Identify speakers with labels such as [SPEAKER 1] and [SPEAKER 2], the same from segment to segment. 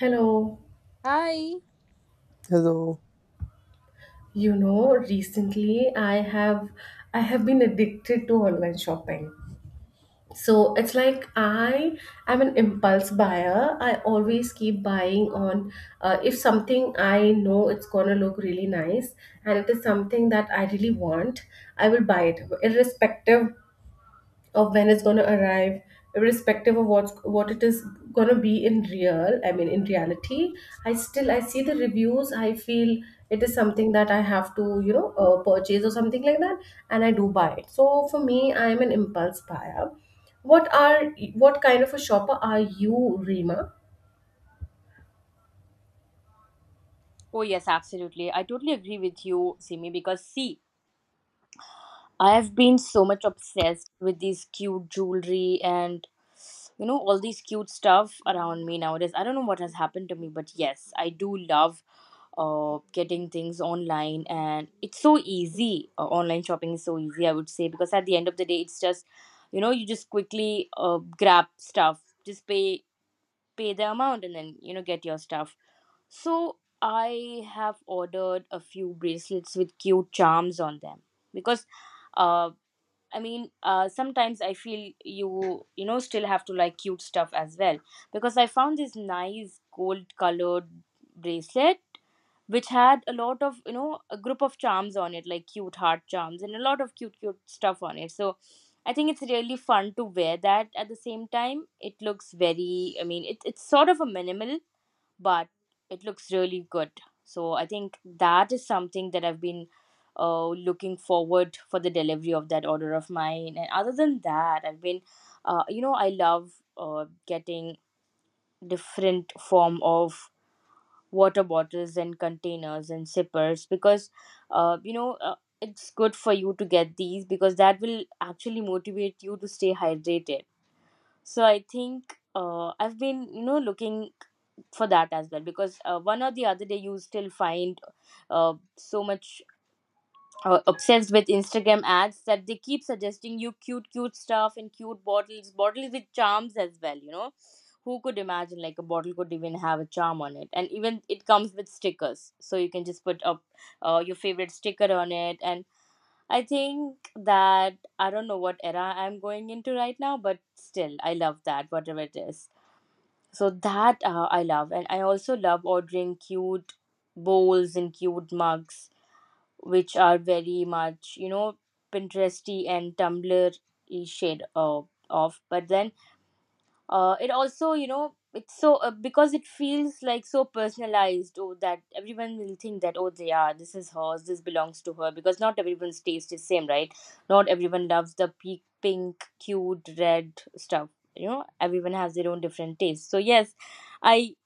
[SPEAKER 1] Hello.
[SPEAKER 2] Hi.
[SPEAKER 3] Hello.
[SPEAKER 1] You know, recently I have been addicted to online shopping. So it's like I am an impulse buyer. I always keep buying on if something I know it's gonna look really nice and it is something that I really want, I will buy it irrespective of when it's going to arrive, irrespective of what it is going to be in real I mean in reality. I see the reviews. I feel it is something that I have to purchase or something like that, and I do buy it. So for me, I am an impulse buyer. what are what kind of a shopper are you, Rima?
[SPEAKER 2] Oh, yes, absolutely. I totally agree with you, Simi, because see, I have been so much obsessed with these cute jewelry and all these cute stuff around me nowadays. I don't know what has happened to me, but yes, I do love getting things online, and it's so easy. Online shopping is so easy, I would say, because at the end of the day, it's just you just quickly grab stuff, just pay the amount and then get your stuff. So I have ordered a few bracelets with cute charms on them because uh I mean sometimes I feel still have to like cute stuff as well, because I found this nice gold colored bracelet which had a lot of a group of charms on it, like cute heart charms and a lot of cute cute stuff on it. So I think it's really fun to wear that. At the same time, it looks very, I mean it's sort of a minimal, but it looks really good. So I think that is something that I've been looking forward for the delivery of that order of mine. And other than that, I've been, I love getting different form of water bottles and containers and sippers, because, uh, you know, uh, it's good for you to get these, because that will actually motivate you to stay hydrated. So I think I've been, looking for that as well, because one or the other day you still find so much obsessed with Instagram ads that they keep suggesting you cute cute stuff and cute bottles with charms as well, who could imagine like a bottle could even have a charm on it, and even it comes with stickers, so you can just put up your favorite sticker on it. And I think that, I don't know what era I'm going into right now, but still I love that, whatever it is. So that I love. And I also love ordering cute bowls and cute mugs, which are very much, Pinteresty and Tumblr shade of. But then it also, it's so because it feels like so personalized. Oh, that everyone will think that, oh, they are, this is hers, this belongs to her. Because not everyone's taste is same, right? Not everyone loves the pink, cute, red stuff. You know, everyone has their own different taste. So yes, I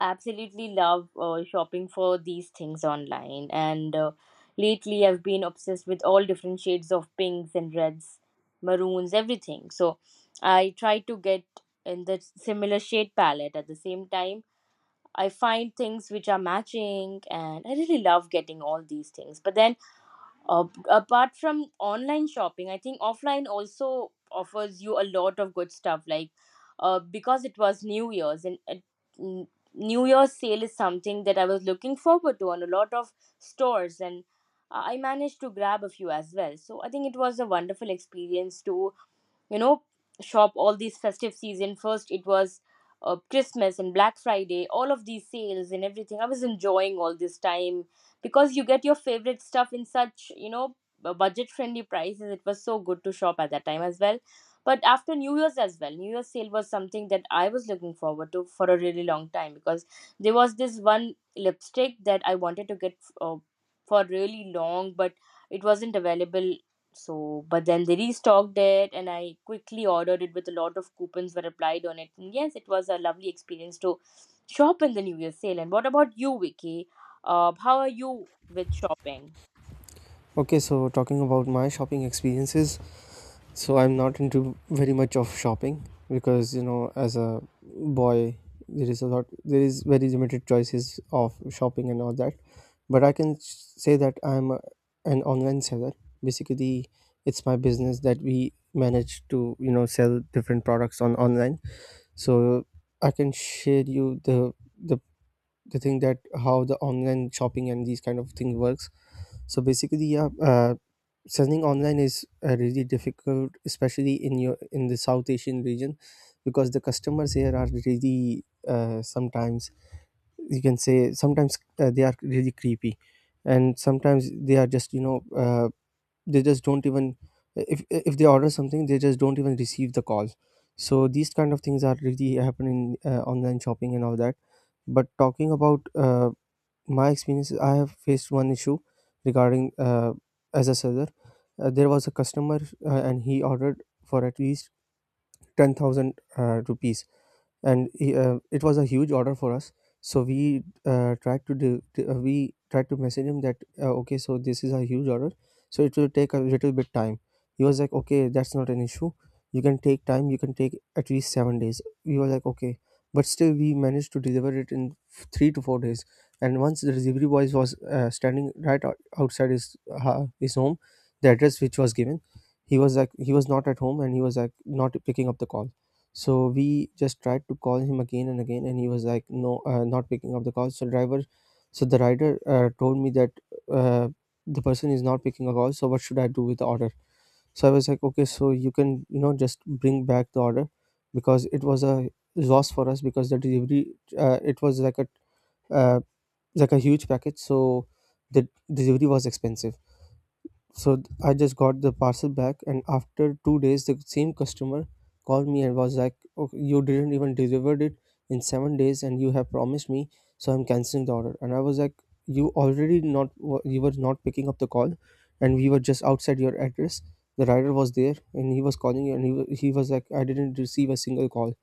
[SPEAKER 2] absolutely love shopping for these things online, and lately I've been obsessed with all different shades of pinks and reds, maroons, everything. So I try to get in the similar shade palette. At the same time, I find things which are matching, and I really love getting all these things. But then uh, apart from online shopping, I think offline also offers you a lot of good stuff. Like, because it was New Year's, and New Year's sale is something that I was looking forward to on a lot of stores, and I managed to grab a few as well. So I think it was a wonderful experience to, you know shop all these festive season. First it was Christmas and Black Friday, all of these sales, and everything I was enjoying all this time, because you get your favorite stuff in such, budget friendly prices. It was so good to shop at that time as well. But after New Year's as well, New Year's sale was something that I was looking forward to for a really long time, because there was this one lipstick that I wanted to get for really long, but it wasn't available. So, but then they restocked it, and I quickly ordered it with a lot of coupons were applied on it. And yes, it was a lovely experience to shop in the New Year sale. And what about you, Vicky? How are you with shopping?
[SPEAKER 3] Okay, so talking about my shopping experiences, so I'm not into very much of shopping because as a boy, there is a lot, there is very limited choices of shopping and all that. But I can say that I'm an online seller. Basically, it's my business that we manage to sell different products on online. So I can share you the the thing that how the online shopping and these kind of thing works. So basically, yeah, selling online is really difficult, especially in the South Asian region, because the customers here are really, sometimes you can say, sometimes, they are really creepy, and sometimes they are just, they just don't even, if they order something, they just don't even receive the call. So these kind of things are really happening, online shopping and all that. But talking about my experience is I have faced one issue regarding, as a seller, there was a customer, and he ordered for at least 10,000 rupees, and it was a huge order for us. So we tried to do t- we tried to message him that, okay, so this is a huge order, so it will take a little bit time. He was like, okay, that's not an issue. You can take time, you can take at least 7 days. We were like, okay, but still we managed to deliver it in 3 to 4 days. And once the delivery boy was, standing right outside his home, the address which was given, he was like, he was not at home, and he was like, not picking up the call. So we just tried to call him again and again, and he was like, "No, not picking up the call." So so the rider, told me that, uh, the person is not picking a call. So what should I do with the order? So I was like, "Okay, so you can just bring back the order," because it was a loss for us. Because the delivery, it was uh, like a huge package, so the delivery was expensive. So I just got the parcel back, and after 2 days, the same customer called me and was like, okay, "You didn't even delivered it in 7 days, and you have promised me, so I'm canceling the order." And I was like, "You already not wa- you were not picking up the call, and we were just outside your address. The rider was there, and he was calling you, and he was like, I didn't receive a single call."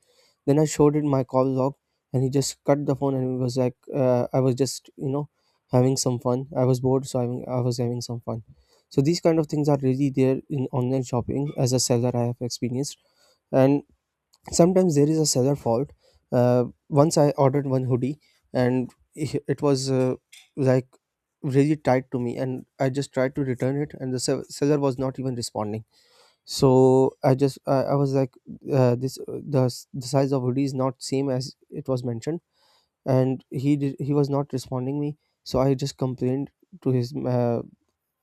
[SPEAKER 3] Then I showed it my call log, and he just cut the phone, and he was like, "I was just, having some fun. I was bored, so I was having some fun." So these kind of things are really there in online shopping. As a seller, I have experienced. And sometimes there is a seller fault. Once I ordered one hoodie, and it was, like really tight to me, and I just tried to return it, and the seller was not even responding. So I was like, the size of hoodie is not same as it was mentioned, and he was not responding me. So I just complained to his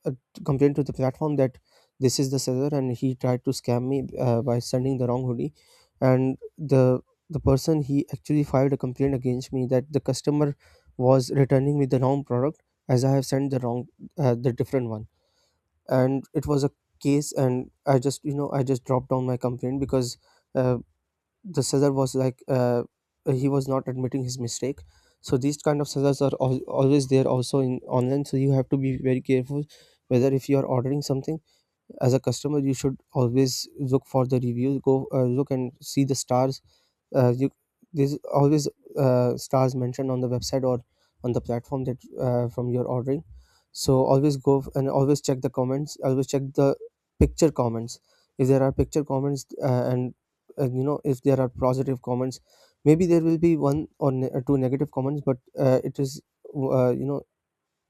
[SPEAKER 3] uh, complained to the platform that this is the seller, and he tried to scam me, by sending the wrong hoodie. And the person, he actually filed a complaint against me that the customer was returning me the wrong product, as I have sent the different one. And it was a case, and I just dropped down my complaint, because, uh, the scissor was like, he was not admitting his mistake. So these kind of scissors are always there also in online, so you have to be very careful whether, if you are ordering something as a customer, you should always look for the reviews, go, look and see the stars. You There's always, stars mentioned on the website or on the platform that, from your ordering. So always go and always check the comments, always check the picture comments, if there are picture comments, and if there are positive comments. Maybe there will be one or two negative comments, but, it is, uh, you know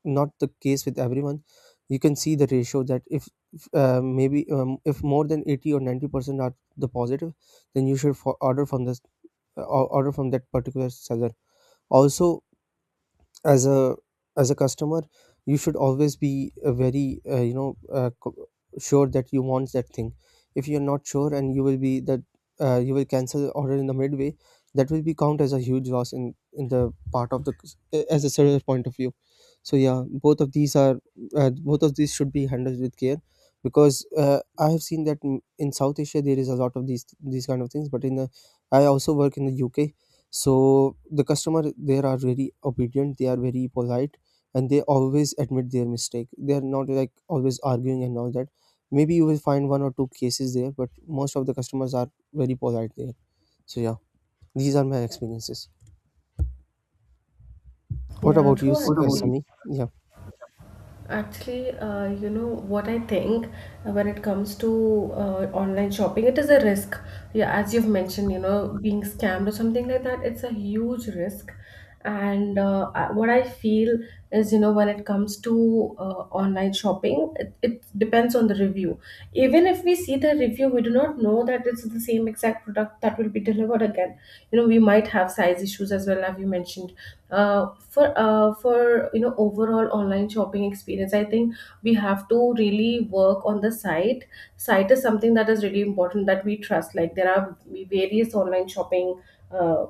[SPEAKER 3] not the case with everyone. You can see the ratio that, if, maybe, if more than 80 or 90% are the positive, then you should for order from this, order from that particular seller. Also, as a customer, you should always be, very sure that you want that thing. If you're not sure and you will cancel the order in the midway, that will be count as a huge loss in the part of as a seller's point of view. So yeah, both of these should be handled with care, because, uh, I have seen that in South Asia, there is a lot of these kind of things. But in the I also work in the UK, so the customer there are very obedient, they are very polite, and they always admit their mistake. They are not like always arguing and all that. Maybe you will find one or two cases there, but most of the customers are very polite there. So yeah, these are my experiences. What
[SPEAKER 1] Yeah,
[SPEAKER 3] about you,
[SPEAKER 1] true. What about actually
[SPEAKER 3] Sami, yeah?
[SPEAKER 1] Actually, you know what I think, when it comes to online shopping, it is a risk. Yeah, as you've mentioned, you know, being scammed or something like that, it's a huge risk. And what I feel is, you know, when it comes to online shopping, it depends on the review. Even if we see the review, we do not know that it's the same exact product that will be delivered again. You know, we might have size issues as well, as you mentioned, for you know overall online shopping experience, I think we have to really work on the site. Site is something that is really important that we trust. Like, there are various online shopping uh,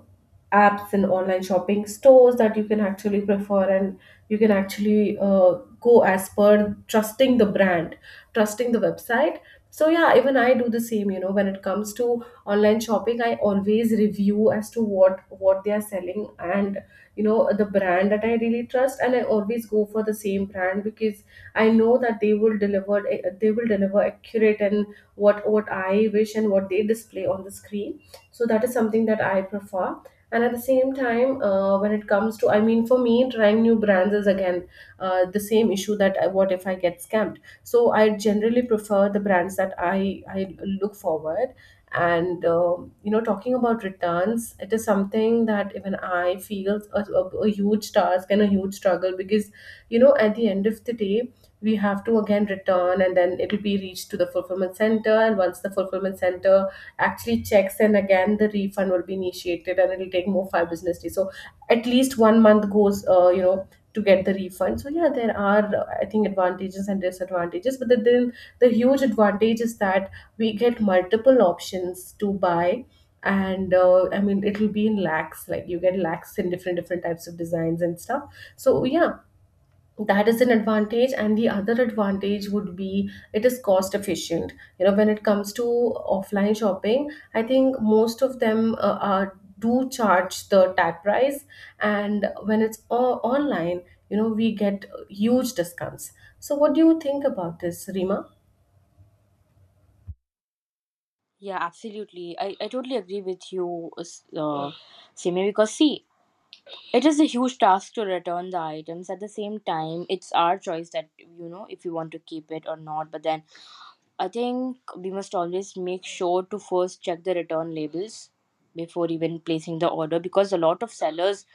[SPEAKER 1] apps and online shopping stores that you can actually prefer, and you can actually go as per trusting the brand, trusting the website. So yeah, even I do the same. You know, when it comes to online shopping, I always review as to what they are selling, and you know the brand that I really trust, and I always go for the same brand because I know that they will deliver they will deliver accurate and what I wish and what they display on the screen. So that is something that I prefer. And at the same time, when it comes to, I mean, for me, trying new brands is again the same issue, that what if I get scammed. So I generally prefer the brands that I look forward. And you know, talking about returns, it is something that even I feel a huge task and a huge struggle, because you know, at the end of the day, we have to again return, and then it'll be reached to the fulfillment center, and once the fulfillment center actually checks, and again the refund will be initiated, and it'll take more 5 business days. So at least one month goes to get the refund. So yeah, there are, I think, advantages and disadvantages, but then the huge advantage is that we get multiple options to buy. And I mean, it'll be in lakhs. Like, you get lakhs in different types of designs and stuff. So yeah, that is an advantage. And the other advantage would be it is cost efficient. You know, when it comes to offline shopping, I think most of them, are do charge the tag price. And when it's online, you know, we get huge discounts. So what do you think about this, Rima?
[SPEAKER 2] Yeah, absolutely. I totally agree with you, Simi, because see, it is a huge task to return the items. At the same time, it's our choice that, you know, if we want to keep it or not. But then I think we must always make sure to first check the return labels before even placing the order, because a lot of sellers,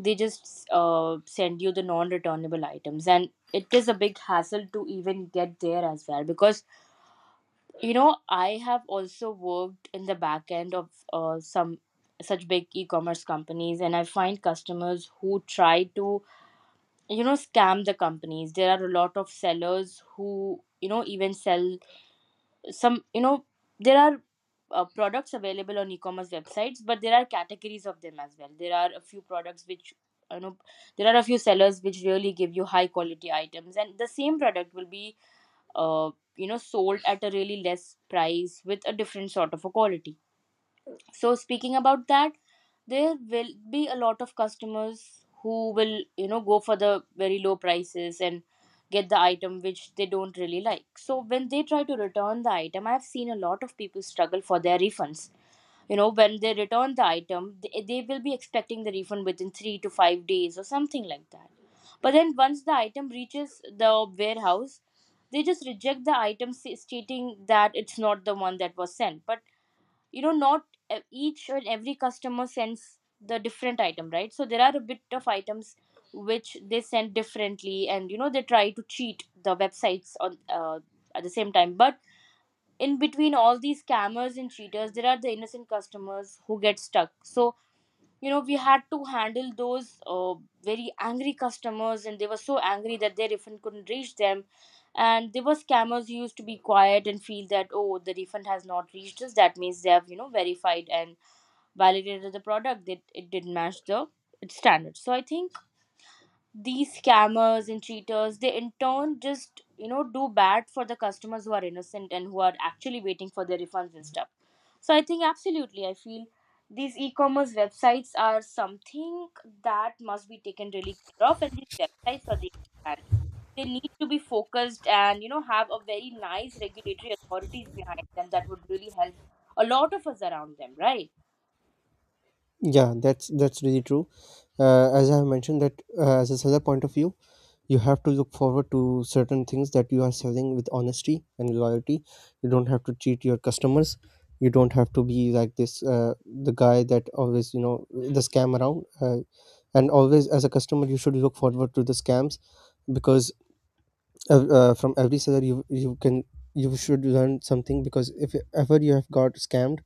[SPEAKER 2] they just send you the non-returnable items, and it is a big hassle to even get there as well, because you know I have also worked in the back end of some such big e-commerce companies, and I find customers who try to, you know, scam the companies. There are a lot of sellers who, you know, even sell some, you know, there are products available on e-commerce websites, but there are categories of them as well. There are a few products which, you know, there are a few sellers which really give you high quality items, and the same product will be uh, sold at a really less price with a different sort of a quality. So speaking about that, there will be a lot of customers who will, you know, go for the very low prices and get the item which they don't really like. So when they try to return the item, I've seen a lot of people struggle for their refunds. You know, when they return the item, they will be expecting the refund within 3 to 5 days or something like that. But then once the item reaches the warehouse, they just reject the item, stating that it's not the one that was sent. But you know, not each and every customer sends the different item, right? So there are a bit of items which they send differently, and you know they try to cheat the websites on at the same time. But in between all these scammers and cheaters, there are the innocent customers who get stuck. So you know, we had to handle those very angry customers, and they were so angry that their refund couldn't reach them. And there were scammers who used to be quiet and feel that, oh, the refund has not reached us, that means they have, you know, verified and validated the product, that it didn't match the its standards. So I think these scammers and cheaters, they in turn just, you know, do bad for the customers who are innocent and who are actually waiting for their refunds and stuff. So I think absolutely I feel these e-commerce websites are something that must be taken really care of, and these websites are the other hand, they need to be focused, and you know have a very nice regulatory authorities behind them that would really help a lot of us around them, right?
[SPEAKER 3] Yeah, that's really true. As I have mentioned, that, as a seller point of view, you have to look forward to certain things that you are selling with honesty and loyalty. You don't have to cheat your customers. You don't have to be like this, the guy that always, the scam around. And always, as a customer, you should look forward to the scams, because, from every seller you should learn something. Because if ever you have got scammed,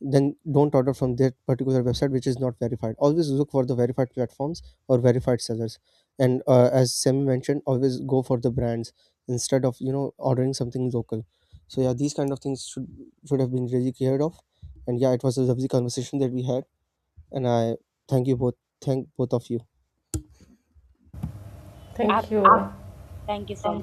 [SPEAKER 3] then don't order from that particular website which is not verified. Always look for the verified platforms or verified sellers. And, as Sam mentioned, always go for the brands, instead of ordering something local. So yeah, these kind of things should have been really cleared off. And yeah, it was a lovely conversation that we had, and I thank you both, thank both of you.
[SPEAKER 1] Thank
[SPEAKER 2] Absolutely,
[SPEAKER 1] you.
[SPEAKER 2] thank you so